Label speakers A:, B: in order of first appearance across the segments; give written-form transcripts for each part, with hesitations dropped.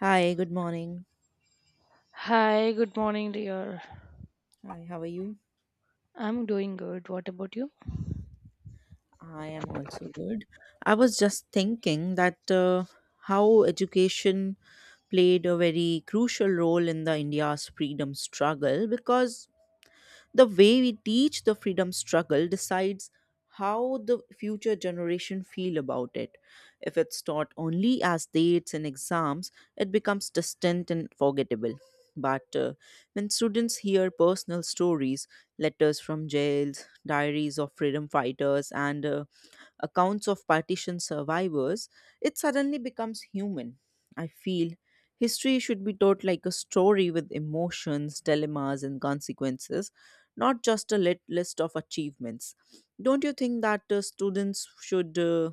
A: Hi, good morning.
B: Hi, good morning, dear.
A: Hi, how are you?
B: I'm doing good. What about you?
A: I am also good. I was just thinking that how education played a very crucial role in the India's freedom struggle because the way we teach the freedom struggle decides how the future generation feel about it. If it's taught only as dates and exams, it becomes distant and forgettable. But when students hear personal stories, letters from jails, diaries of freedom fighters, and accounts of partition survivors, it suddenly becomes human. I feel history should be taught like a story with emotions, dilemmas, and consequences, not just a list of achievements. Don't you think that students should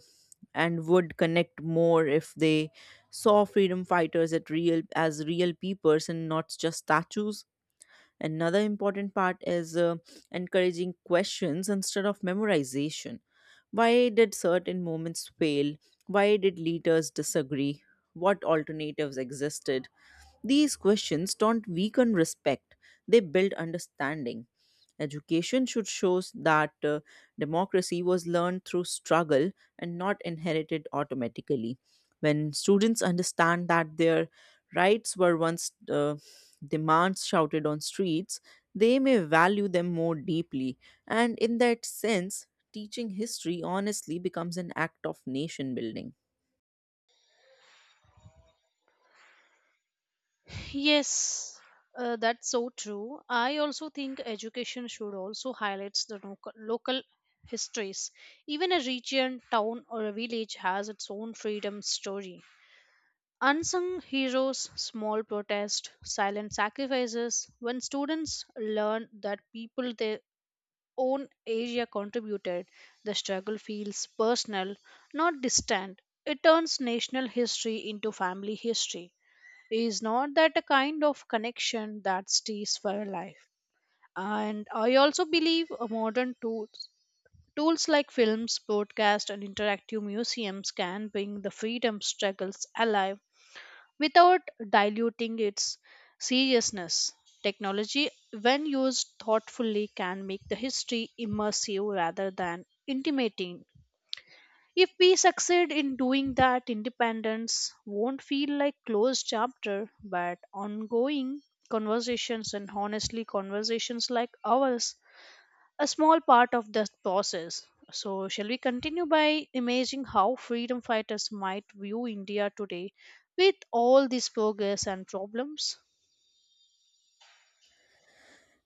A: and would connect more if they saw freedom fighters at real as real people and not just statues? Another important part is encouraging questions instead of memorization. Why did certain movements fail? Why did leaders disagree? What alternatives existed? These questions don't weaken respect, they build understanding. Education should show that democracy was learned through struggle and not inherited automatically. When students understand that their rights were once demands shouted on streets, they may value them more deeply. And in that sense, teaching history honestly becomes an act of nation building.
B: Yes, that's so true. I also think education should also highlights the local histories. Even a region, town, or a village has its own freedom story. Unsung heroes, small protests, silent sacrifices. When students learn that people they own area contributed, the struggle feels personal, not distant. It turns national history into family history. Is not that a kind of connection that stays for life? And I also believe modern tools. Tools like films, podcasts, and interactive museums can bring the freedom struggles alive without diluting its seriousness. Technology, when used thoughtfully, can make the history immersive rather than intimidating. If we succeed in doing that, independence won't feel like closed chapter, but ongoing conversations and honestly conversations like ours a small part of the process. So, shall we continue by imagining how freedom fighters might view India today with all this progress and problems?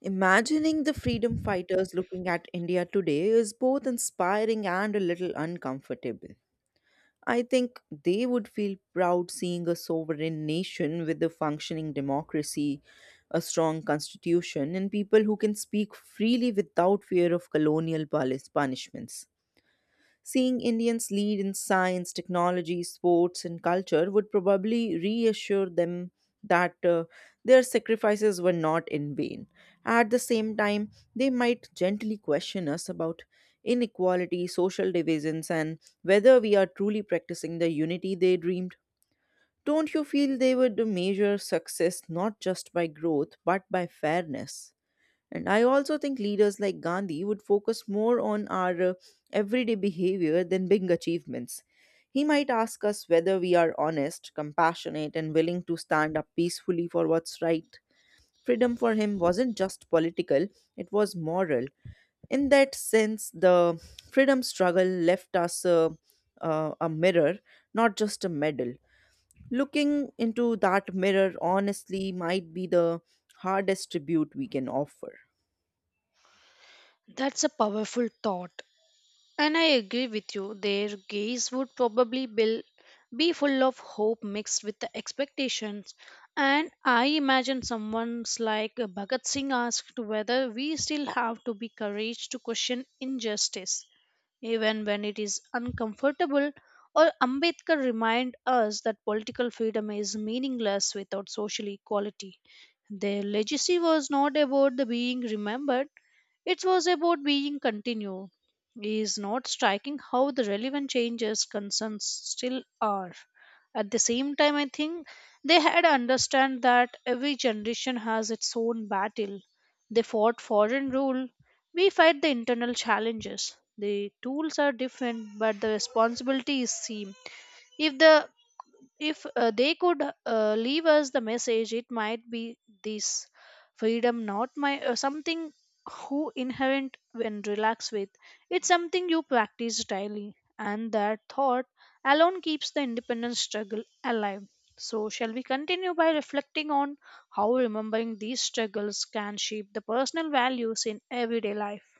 A: Imagining the freedom fighters looking at India today is both inspiring and a little uncomfortable. I think they would feel proud seeing a sovereign nation with a functioning democracy, a strong constitution, and people who can speak freely without fear of colonial palace punishments. Seeing Indians lead in science, technology, sports, and culture would probably reassure them that their sacrifices were not in vain. At the same time, they might gently question us about inequality, social divisions, and whether we are truly practicing the unity they dreamed. Don't you feel they would measure success not just by growth but by fairness? And I also think leaders like Gandhi would focus more on our everyday behavior than big achievements. He might ask us whether we are honest, compassionate, and willing to stand up peacefully for what's right. Freedom for him wasn't just political, it was moral. In that sense, the freedom struggle left us a mirror, not just a medal. Looking into that mirror honestly might be the hardest tribute we can offer.
B: That's a powerful thought. And I agree with you, their gaze would probably be full of hope mixed with the expectations. And I imagine someone's like Bhagat Singh asked whether we still have to be courage to question injustice, even when it is uncomfortable, or Ambedkar remind us that political freedom is meaningless without social equality. Their legacy was not about the being remembered, it was about being continued. Is not striking how the relevant changes concerns still are. At the same time, I think they had understand that every generation has its own battle. They fought foreign rule. We fight the internal challenges. The tools are different, but the responsibilities seem. If the if They could leave us the message, it might be this freedom, not my something who inherent when relax with. It's something you practice daily, and that thought alone keeps the independence struggle alive. So, shall we continue by reflecting on how remembering these struggles can shape the personal values in everyday life?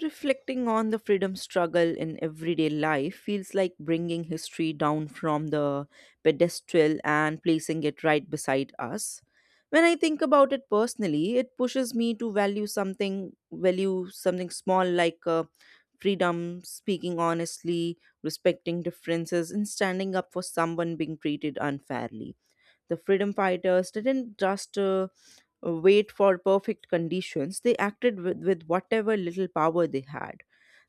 A: Reflecting on the freedom struggle in everyday life feels like bringing history down from the pedestal and placing it right beside us. When I think about it personally, it pushes me to value something small like freedom, speaking honestly, respecting differences, and standing up for someone being treated unfairly. The freedom fighters didn't just wait for perfect conditions. They acted with whatever little power they had.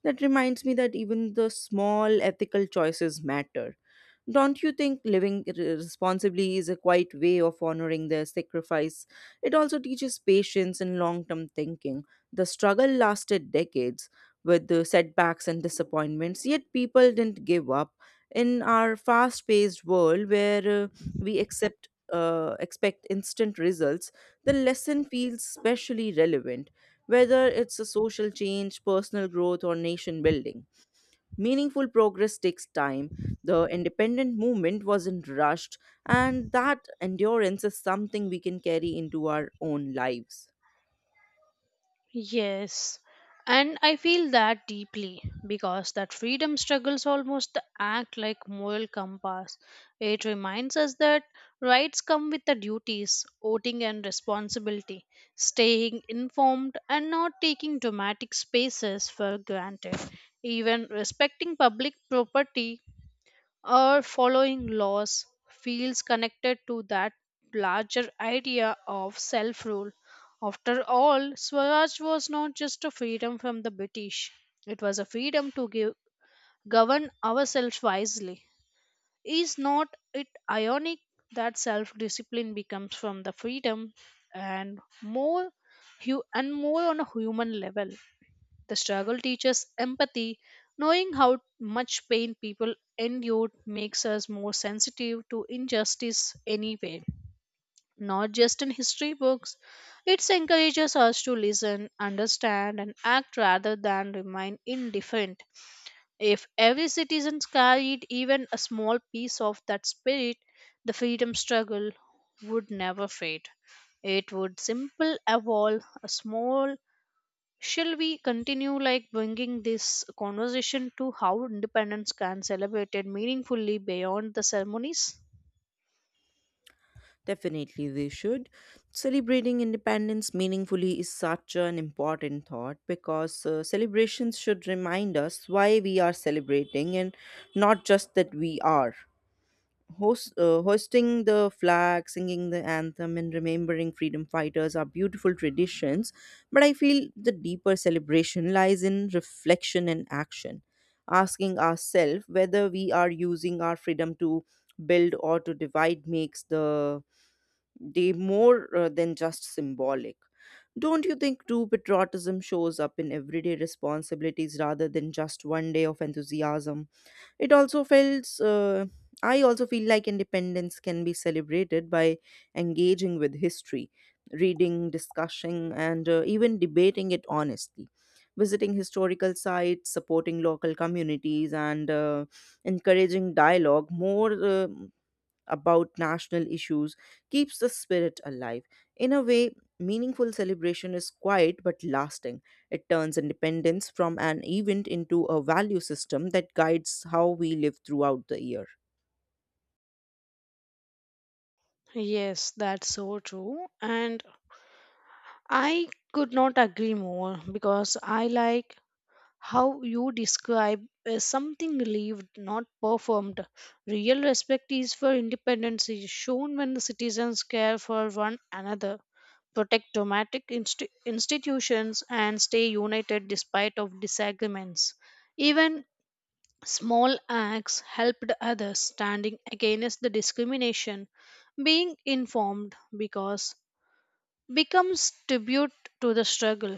A: That reminds me that even the small ethical choices matter. Don't you think living responsibly is a quiet way of honoring their sacrifice? It also teaches patience and long term thinking. The struggle lasted decades with the setbacks and disappointments, yet people didn't give up. In our fast paced world where we accept expect instant results, the lesson feels especially relevant, whether it's a social change, personal growth, or nation building. Meaningful progress takes time. The independent movement wasn't rushed, and that endurance is something we can carry into our own lives.
B: Yes. And I feel that deeply because that freedom struggles almost act like moral compass. It reminds us that rights come with the duties, voting and responsibility, staying informed and not taking dramatic spaces for granted. Even respecting public property or following laws feels connected to that larger idea of self rule. After all, Swaraj was not just a freedom from the British, it was a freedom to give, govern ourselves wisely. Is not it ironic that self discipline becomes from the freedom and more and more on a human level? The struggle teaches empathy. Knowing how much pain people endured makes us more sensitive to injustice anyway, not just in history books. It encourages us to listen, understand, and act rather than remain indifferent. If every citizen carried even a small piece of that spirit, the freedom struggle would never fade. It would simple evolve a small. Shall we continue like bringing this conversation to how independence can celebrated meaningfully beyond the ceremonies?
A: Definitely, we should. Celebrating independence meaningfully is such an important thought because celebrations should remind us why we are celebrating and not just that we are. Hoisting the flag, singing the anthem, and remembering freedom fighters are beautiful traditions, but I feel the deeper celebration lies in reflection and action, asking ourselves whether we are using our freedom to build or to divide makes the day more than just symbolic. Don't you think true patriotism shows up in everyday responsibilities rather than just one day of enthusiasm? It also feels, uh, I also feel like independence can be celebrated by engaging with history, reading, discussing, and even debating it honestly. Visiting historical sites, supporting local communities, and encouraging dialogue more about national issues keeps the spirit alive. In a way, meaningful celebration is quiet but lasting. It turns independence from an event into a value system that guides how we live throughout the year.
B: Yes, that's so true. And I could not agree more because I like how you describe as something lived, not performed. Real respect is for independence is shown when the citizens care for one another, protect democratic institutions and stay united despite of disagreements, even small acts helped others standing against the discrimination, being informed because becomes tribute to the struggle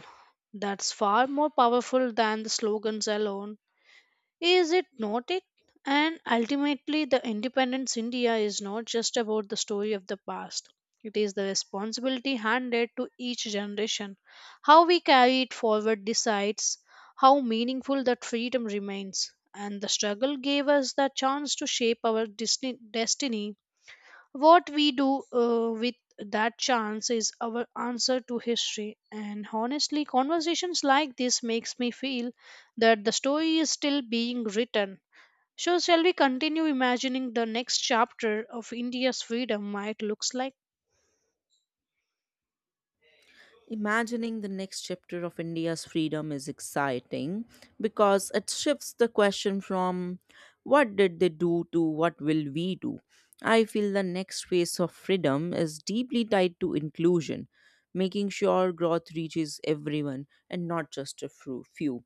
B: that's far more powerful than the slogans alone, is it not it? And ultimately, the independence India is not just about the story of the past. It is the responsibility handed to each generation. How we carry it forward decides how meaningful that freedom remains. And the struggle gave us the chance to shape our destiny, what we do with that chance is our answer to history. And honestly, conversations like this makes me feel that the story is still being written. So shall we continue imagining the next chapter of India's freedom might looks like?
A: Imagining the next chapter of India's freedom is exciting because it shifts the question from what did they do to what will we do. I feel the next phase of freedom is deeply tied to inclusion, making sure growth reaches everyone and not just a few.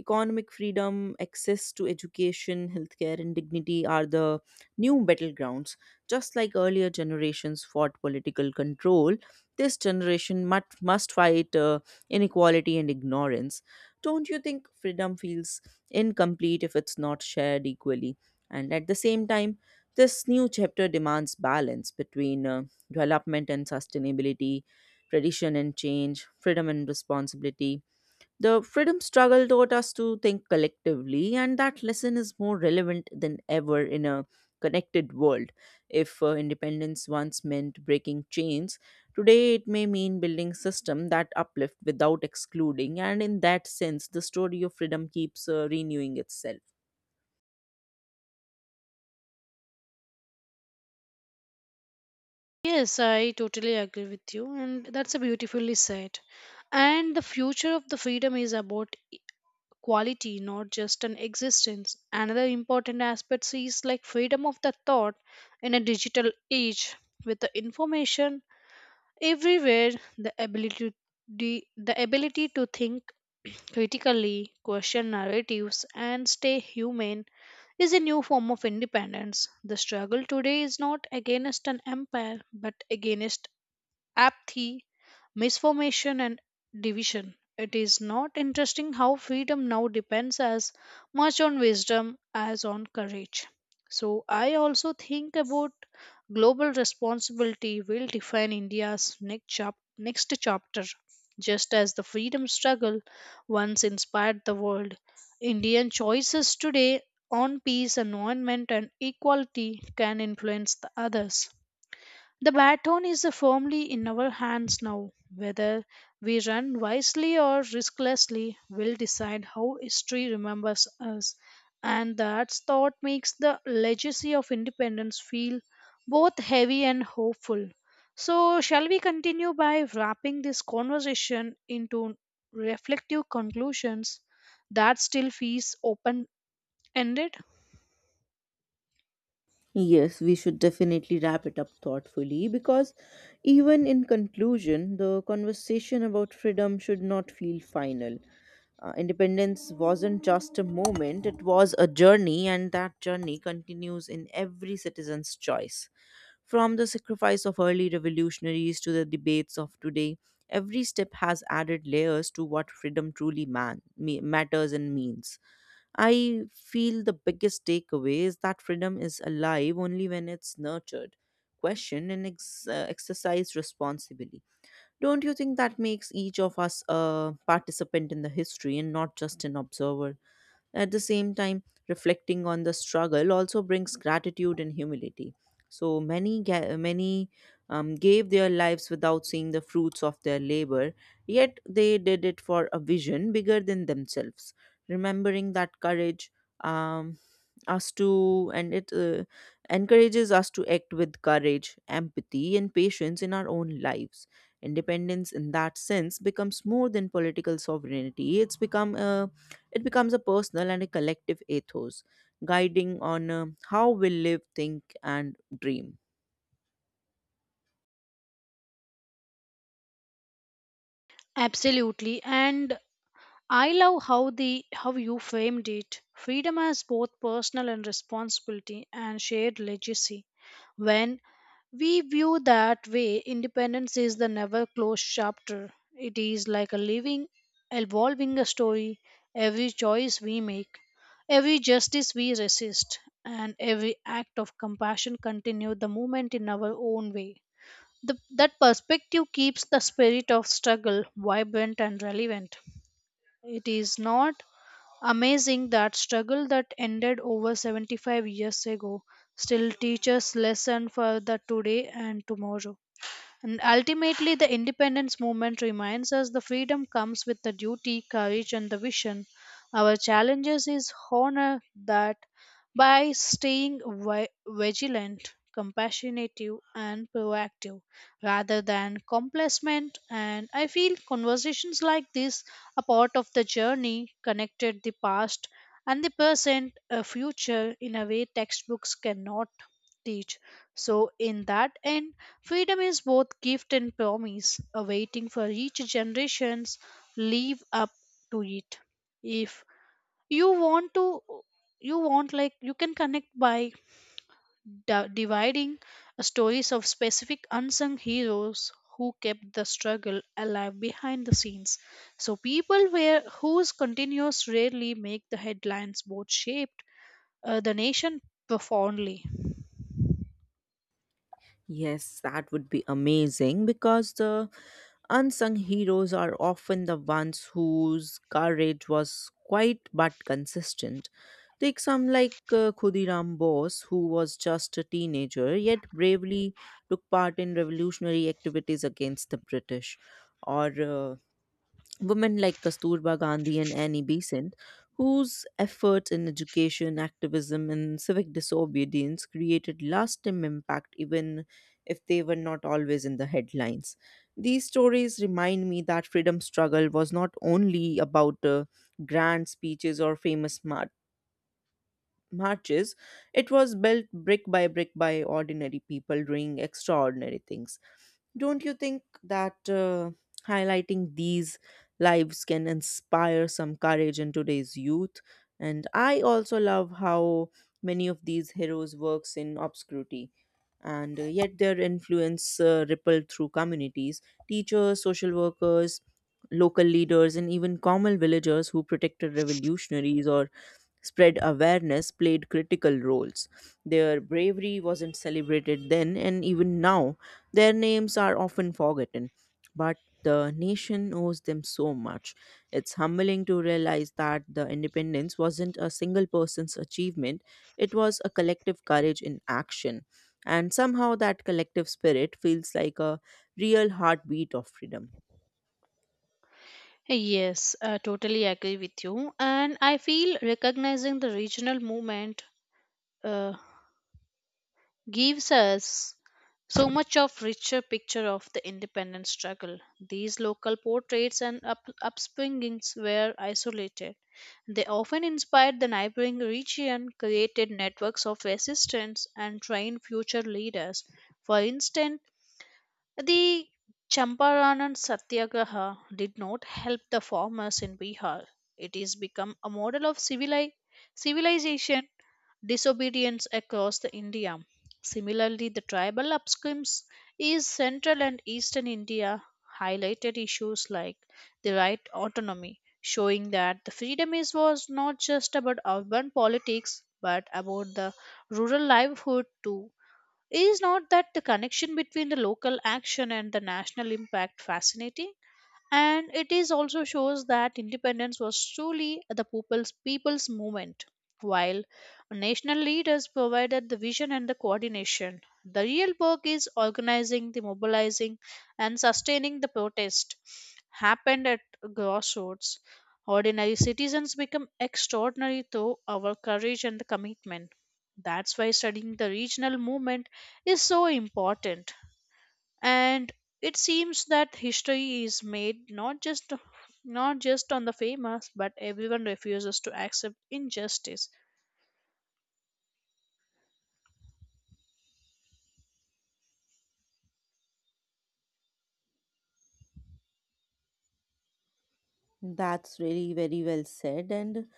A: Economic freedom, access to education, healthcare, and dignity are the new battlegrounds. Just like earlier generations fought political control, this generation must fight inequality and ignorance. Don't you think freedom feels incomplete if it's not shared equally? And at the same time, this new chapter demands balance between development and sustainability, tradition and change, freedom and responsibility. The freedom struggle taught us to think collectively, and that lesson is more relevant than ever in a connected world. If independence once meant breaking chains, today it may mean building systems that uplift without excluding, and in that sense, the story of freedom keeps renewing itself.
B: Yes, I totally agree with you, and that's a beautifully said. And the future of the freedom is about quality, not just an existence. Another important aspect is like freedom of the thought in a digital age with the information everywhere, the ability the ability to think critically, question narratives, and stay human is a new form of independence. The struggle today is not against an empire but against apathy, misformation, and division. It is not interesting how freedom now depends as much on wisdom as on courage. So, I also think about global responsibility will define India's next chapter. Just as the freedom struggle once inspired the world, Indian choices today on peace, environment, and equality can influence the others. The baton is firmly in our hands now. Whether we run wisely or risklessly, will decide how history remembers us, and that thought makes the legacy of independence feel both heavy and hopeful. So, shall we continue by wrapping this conversation into reflective conclusions that still feels open ended?
A: Yes, we should definitely wrap it up thoughtfully because even in conclusion, the conversation about freedom should not feel final. Independence wasn't just a moment, it was a journey, and that journey continues in every citizen's choice. From the sacrifice of early revolutionaries to the debates of today, every step has added layers to what freedom truly matters and means. I feel the biggest takeaway is that freedom is alive only when it's nurtured, questioned, and exercised responsibly. Don't you think that makes each of us a participant in the history and not just an observer? At the same time, reflecting on the struggle also brings gratitude and humility. So many gave their lives without seeing the fruits of their labor, yet they did it for a vision bigger than themselves. Remembering that courage um, us to and it encourages us to act with courage, empathy, and patience in our own lives. Independence, in that sense, becomes more than political sovereignty. It becomes a personal and a collective ethos, guiding on how we live, think, and dream.
B: Absolutely. And I love how the how you framed it. Freedom as both personal and responsibility and shared legacy. When we view that way, independence is the never closed chapter. It is like a living, evolving story. Every choice we make, every justice we resist, and every act of compassion continue the movement in our own way. That perspective keeps the spirit of struggle vibrant and relevant. It is not amazing that struggle that ended over 75 years ago still teaches lesson for the today and tomorrow. And ultimately, the independence movement reminds us the freedom comes with the duty, courage, and the vision. Our challenges is honor that by staying vigilant, compassionate, and proactive rather than complacent. And I feel conversations like this are part of the journey, connected the past and the present, a future in a way textbooks cannot teach. So, in that end, freedom is both gift and promise, awaiting for each generation's live up to it. If you want to, you want like you can connect by dividing stories of specific unsung heroes who kept the struggle alive behind the scenes. So people where whose continues rarely make the headlines both shaped the nation profoundly.
A: Yes, that would be amazing because the unsung heroes are often the ones whose courage was quite but consistent. Take some like Khudiram Bose, who was just a teenager yet bravely took part in revolutionary activities against the British, or women like Kasturba Gandhi and Annie Besant, whose efforts in education, activism, and civic disobedience created lasting impact even if they were not always in the headlines. These stories remind me that freedom struggle was not only about grand speeches or famous marches, it was built brick by brick by ordinary people doing extraordinary things. Don't you think that highlighting these lives can inspire some courage in today's youth? And I also love how many of these heroes works in obscurity and yet their influence rippled through communities: teachers, social workers, local leaders, and even common villagers who protected revolutionaries or spread awareness played critical roles. Their bravery wasn't celebrated then, and even now, their names are often forgotten. But the nation owes them so much. It's humbling to realize that the independence wasn't a single person's achievement, it was a collective courage in action. And somehow that collective spirit feels like a real heartbeat of freedom.
B: Yes, I totally agree with you. And I feel recognizing the regional movement uh, gives us so much of richer picture of the independence struggle. These local portraits and upspringings were isolated. They often inspired the neighboring region, created networks of resistance, and trained future leaders. For instance, the Champaran Satyagraha did not help the farmers in Bihar. It has become a model of civilization disobedience across the India. Similarly, the tribal upscrims is central and eastern India highlighted issues like the right autonomy, showing that the freedom is was not just about urban politics but about the rural livelihood too. Is not that the connection between the local action and the national impact fascinating? And it is also shows that independence was truly the people's movement while national leaders provided the vision and the coordination, the real work is organizing the mobilizing and sustaining the protest happened at grassroots. Ordinary citizens become extraordinary through our courage and the commitment. That's why studying the regional movement is so important, and it seems that history is made not just on the famous but everyone refuses to accept injustice.
A: That's really very well said. And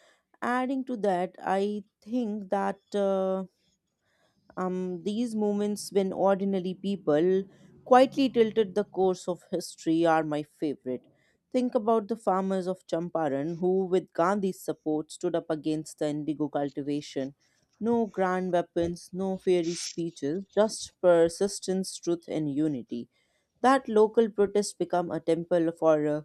A: adding to that, I think that these moments when ordinary people quietly tilted the course of history are my favorite. Think about the farmers of Champaran who, with Gandhi's support, stood up against the indigo cultivation. No grand weapons, no fiery speeches, just persistence, truth, and unity. That local protest become a temple for uh,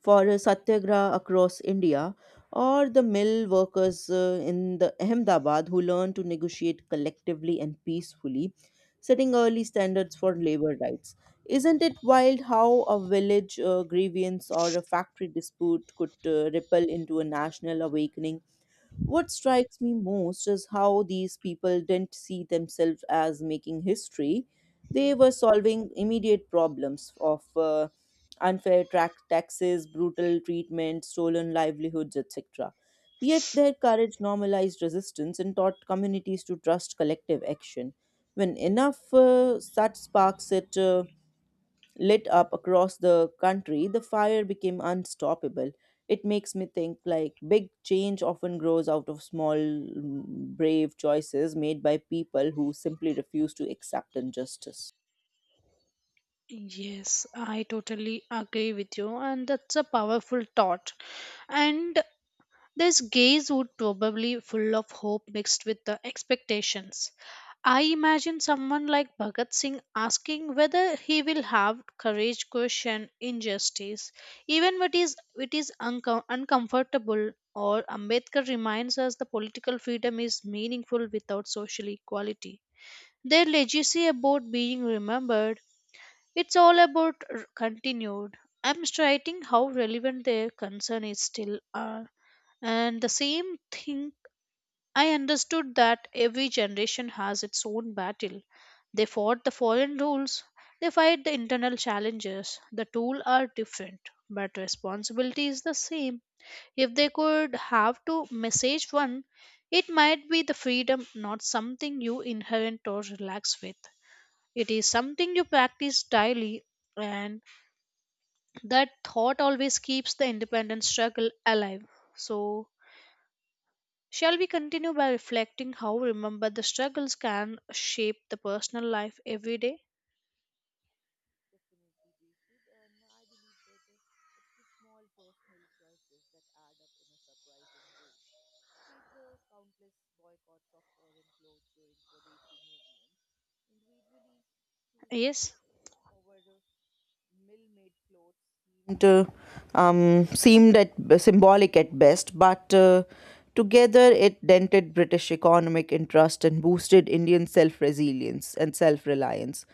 A: for a satyagraha across India, or the mill workers in the Ahmedabad who learned to negotiate collectively and peacefully, setting early standards for labor rights. Isn't it wild how a village grievance or a factory dispute could ripple into a national awakening? What strikes me most is how these people didn't see themselves as making history. They were solving immediate problems of unfair track taxes, brutal treatment, stolen livelihoods, etc. Yet their courage normalized resistance and taught communities to trust collective action. When enough such sparks it lit up across the country, the fire became unstoppable. It makes me think like big change often grows out of small, brave choices made by people who simply refuse to accept injustice.
B: Yes, I totally agree with you and that's a powerful thought. And this gaze would probably full of hope mixed with the expectations. I imagine someone like Bhagat Singh asking whether he will have courage question injustice, even when it is uncomfortable. Or Ambedkar reminds us the political freedom is meaningful without social equality. Their legacy about being remembered, it's all about continued. I'm striking how relevant their concern is still are. And the same thing, I understood that every generation has its own battle. They fought the foreign rules, they fight the internal challenges. The tool are different, but responsibility is the same. If they could have to message one, it might be the freedom, not something you inherent or relax with. It is something you practice daily, and that thought always keeps the independent struggle alive. So, shall we continue by reflecting how remember the struggles can shape the personal life every day?
A: Definitely, we should. And I believe that it's the small personal choices that add up in a surprising way. Take the countless boycotts of foreign clothes during Swadeshi movement. Individually choosing
B: Yes.
A: khadi over mill-made clothes seemed um, seemed at, symbolic at best, but together it dented British economic interest and boosted Indian self resilience and self reliance,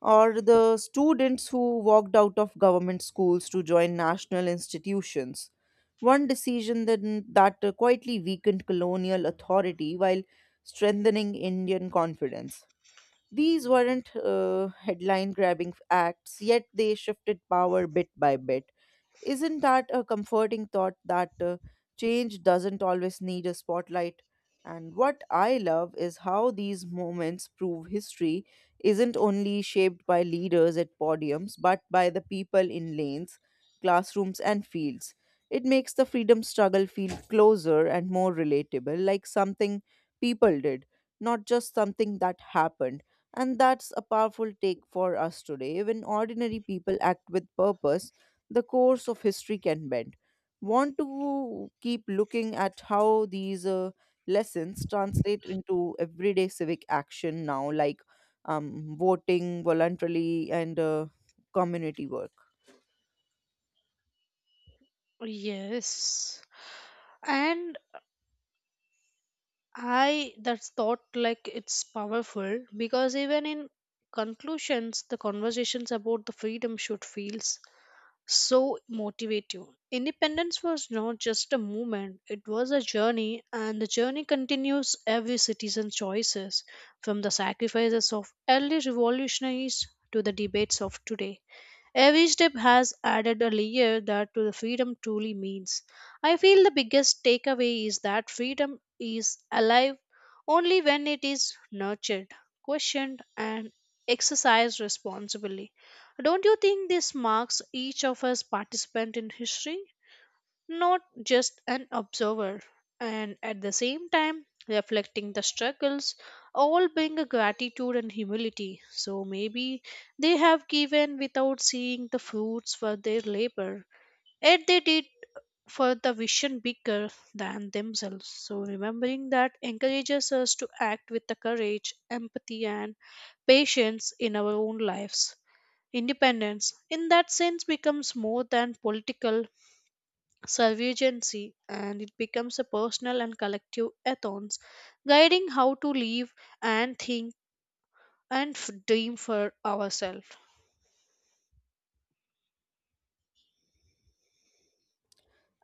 A: or the students who walked out of government schools to join national institutions. One decision then that quietly weakened colonial authority while strengthening Indian confidence. These weren't headline grabbing acts, yet they shifted power bit by bit. Isn't that a comforting thought, that change doesn't always need a spotlight? And what I love is how these moments prove history isn't only shaped by leaders at podiums, but by the people in lanes, classrooms, and fields. It makes the freedom struggle feel closer and more relatable, like something people did, not just something that happened. And that's a powerful take for us today. When ordinary people act with purpose, the course of history can bend. Want to keep looking at how these lessons translate into everyday civic action now, like voting voluntarily and community work.
B: Yes. And I that thought like it's powerful because even in conclusions the conversations about the freedom should feels so motivative. Independence was not just a movement, it was a journey, and the journey continues every citizen's choices, from the sacrifices of early revolutionaries to the debates of today. Every step has added a layer that to the freedom truly means. I feel the biggest takeaway is that freedom is alive only when it is nurtured, questioned, and exercised responsibly. Don't you think this marks each of us participant in history? Not just an observer, and at the same time reflecting the struggles, all bring a gratitude and humility. So maybe they have given without seeing the fruits for their labor, yet they did for the vision bigger than themselves. So remembering that encourages us to act with the courage, empathy, and patience in our own lives. Independence, in that sense, becomes more than political survivancy, and it becomes a personal and collective ethos guiding how to live and think and dream for ourselves.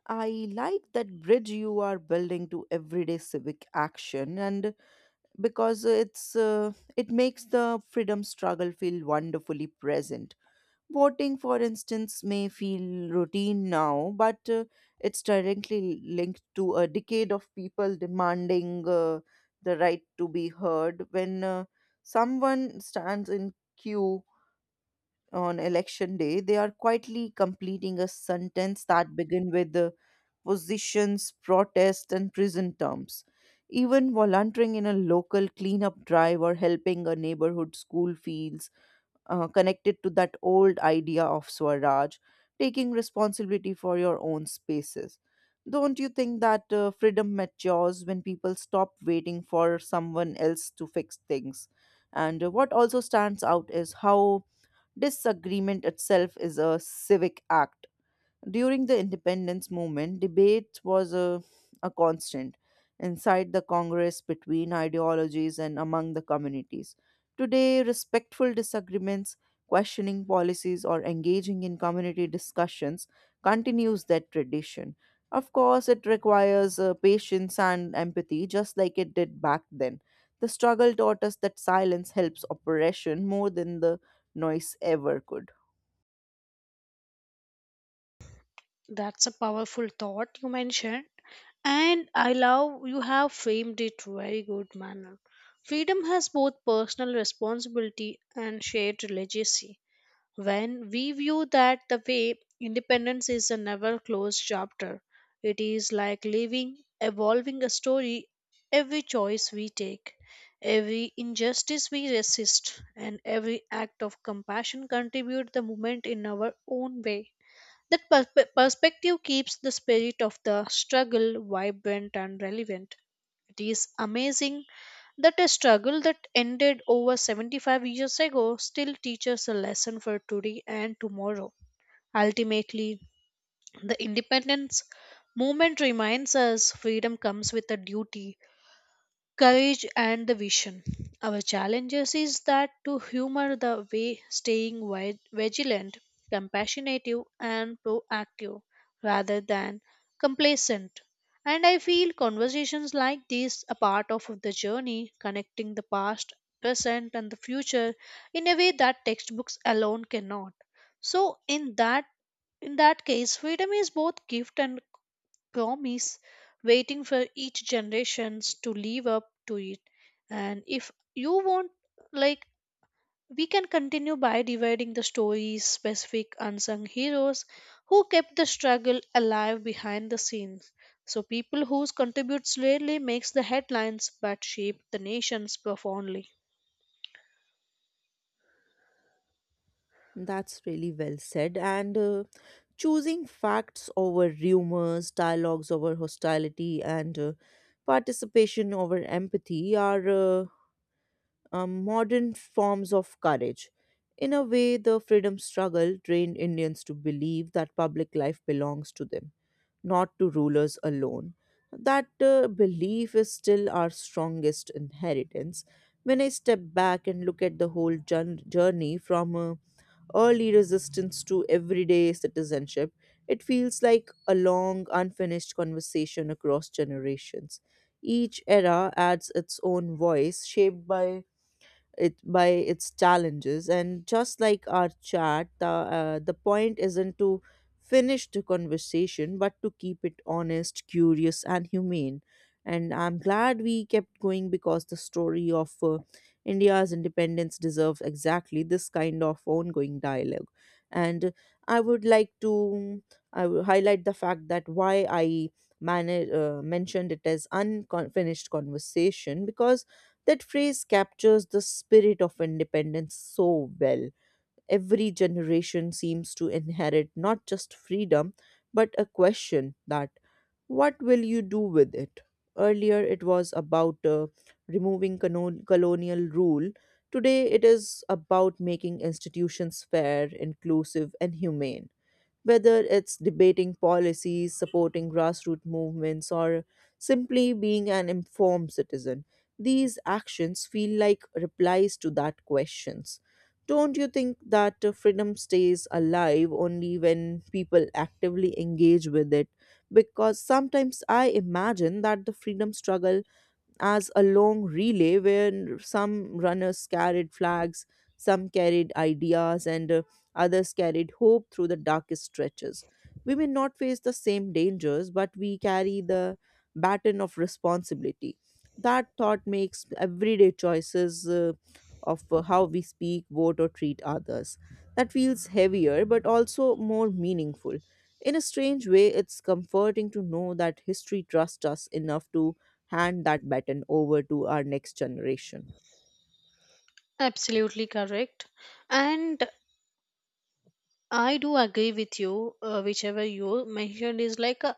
A: I like that bridge you are building to everyday civic action, and because it makes the freedom struggle feel wonderfully present. Voting, for instance, may feel routine now, but it's directly linked to a decade of people demanding the right to be heard. When someone stands in queue on election day, they are quietly completing a sentence that begin with the positions, protest, and prison terms. Even volunteering in a local cleanup drive or helping a neighborhood school feels connected to that old idea of Swaraj, taking responsibility for your own spaces. Don't you think that freedom matures when people stop waiting for someone else to fix things? And what also stands out is how disagreement itself is a civic act. During the independence movement, debate was a constant inside the Congress, between ideologies, and among the communities. Today, respectful disagreements, questioning policies, or engaging in community discussions continues that tradition. Of course, it requires patience and empathy, just like it did back then. The struggle taught us that silence helps oppression more than the noise ever could.
B: That's a powerful thought you mentioned, and I love you have framed it very good manner. Freedom has both personal responsibility and shared legacy. When we view that the way, independence is a never closed chapter. It is like living, evolving a story. Every choice we take, every injustice we resist, and every act of compassion contribute the movement in our own way. That perspective keeps the spirit of the struggle vibrant and relevant. It is amazing that a struggle that ended over 75 years ago still teaches a lesson for today and tomorrow. Ultimately, the independence movement reminds us freedom comes with a duty, courage, and the vision. Our challenges is that to humor the way staying vigilant, compassionate, and proactive rather than complacent. And I feel conversations like these a part of the journey connecting the past, present, and the future in a way that textbooks alone cannot. So in that case freedom is both gift and promise, waiting for each generations to live up to it. And if you want, like, we can continue by dividing the stories, specific unsung heroes who kept the struggle alive behind the scenes. So people whose contributes rarely makes the headlines but shape the nations profoundly.
A: That's really well said. And choosing facts over rumors, dialogues over hostility, and participation over empathy are modern forms of courage. In a way, the freedom struggle trained Indians to believe that public life belongs to them, not to rulers alone. That belief is still our strongest inheritance. When I step back and look at the whole journey from early resistance to everyday citizenship, it feels like a long, unfinished conversation across generations. Each era adds its own voice, shaped by it by its challenges, and just like our chat, the point isn't to finish the conversation but to keep it honest, curious, and humane. And I'm glad we kept going, because the story of India's independence deserves exactly this kind of ongoing dialogue. And I would like to I will highlight the fact that why I mentioned it as unfinished conversation, because that phrase captures the spirit of independence so well. Every generation seems to inherit not just freedom, but a question that, what will you do with it? Earlier, it was about removing colonial rule. Today, it is about making institutions fair, inclusive, and humane. Whether it's debating policies, supporting grassroots movements, or simply being an informed citizen, these actions feel like replies to that questions. Don't you think that freedom stays alive only when people actively engage with it? Because sometimes I imagine that the freedom struggle as a long relay where some runners carried flags, some carried ideas, and others carried hope through the darkest stretches. We may not face the same dangers, but we carry the baton of responsibility. That thought makes everyday choices, of how we speak, vote, or treat others. That feels heavier, but also more meaningful. In a strange way, it's comforting to know that history trusts us enough to hand that baton over to our next generation.
B: Absolutely correct. And I do agree with you, whichever you mentioned is like a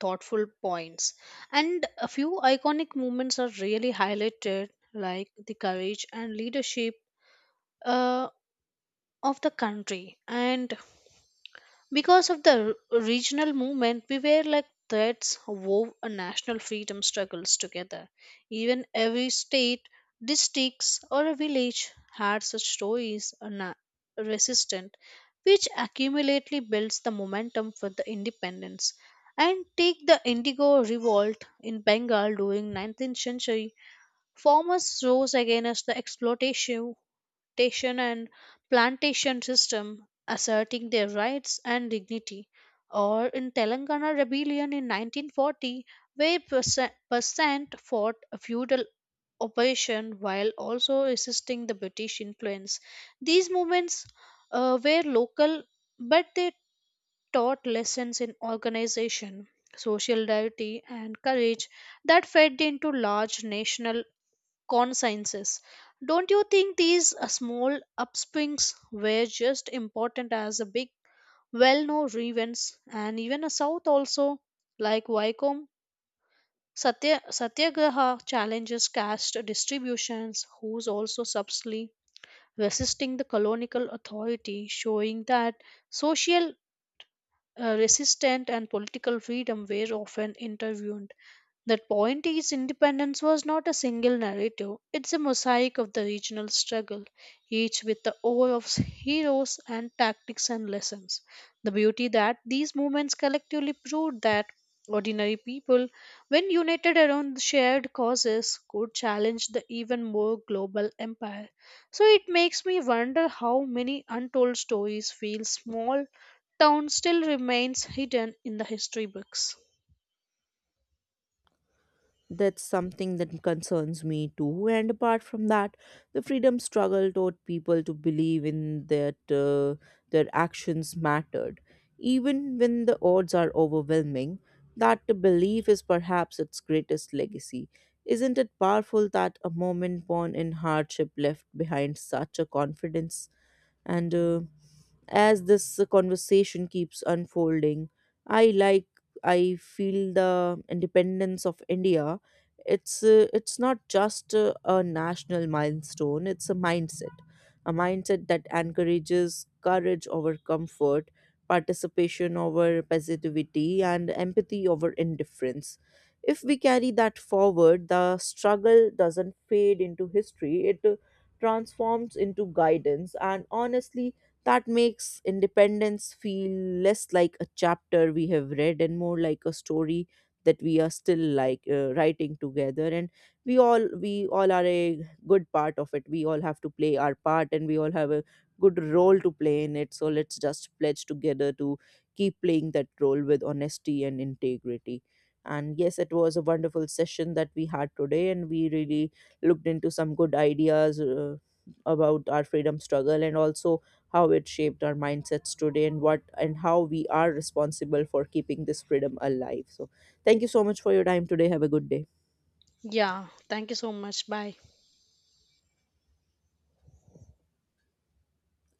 B: thoughtful points. And a few iconic moments are really highlighted, like the courage and leadership uh, of the country. And because of the regional movement, we were like threads wove a national freedom struggles together. Even every state, districts, or a village had such stories or resistant, which accumulately builds the momentum for the independence. And take the Indigo Revolt in Bengal during 19th century. Farmers rose against the exploitation plantation and plantation system asserting their rights and dignity, or in Telangana rebellion in 1940, where percent fought a feudal opposition while also resisting the British influence. These movements were local, but they taught lessons in organization, social solidarity, and courage that fed into large national consciences. Don't you think these small upswings were just important as a big, well-known events, and even a South also, like Satyagraha challenges caste distributions, who's also subtly resisting the colonial authority, showing that social resistance and political freedom were often intertwined. That point is, independence was not a single narrative, it's a mosaic of the regional struggle, each with the ore of heroes and tactics and lessons. The beauty that these movements collectively proved that ordinary people, when united around the shared causes, could challenge the even more global empire. So it makes me wonder how many untold stories feel small town still remains hidden in the history books.
A: That's something that concerns me too. And apart from that, the freedom struggle taught people to believe in that their actions mattered, even when the odds are overwhelming. That belief is perhaps its greatest legacy. Isn't it powerful that a moment born in hardship left behind such a confidence? And as this conversation keeps unfolding, I like I feel the independence of India. It's not just a national milestone. It's a mindset that encourages courage over comfort, participation over passivity, and empathy over indifference. If we carry that forward, the struggle doesn't fade into history. It transforms into guidance. And honestly, that makes independence feel less like a chapter we have read and more like a story that we are still writing together. And we all are a good part of it. We all have to play our part, and we all have a good role to play in it. So let's just pledge together to keep playing that role with honesty and integrity. And yes, it was a wonderful session that we had today, and we really looked into some good ideas about our freedom struggle, and also how it shaped our mindsets today, and what and how we are responsible for keeping this freedom alive. So thank you so much for your time today. Have a good day.
B: Yeah, thank you so much. Bye.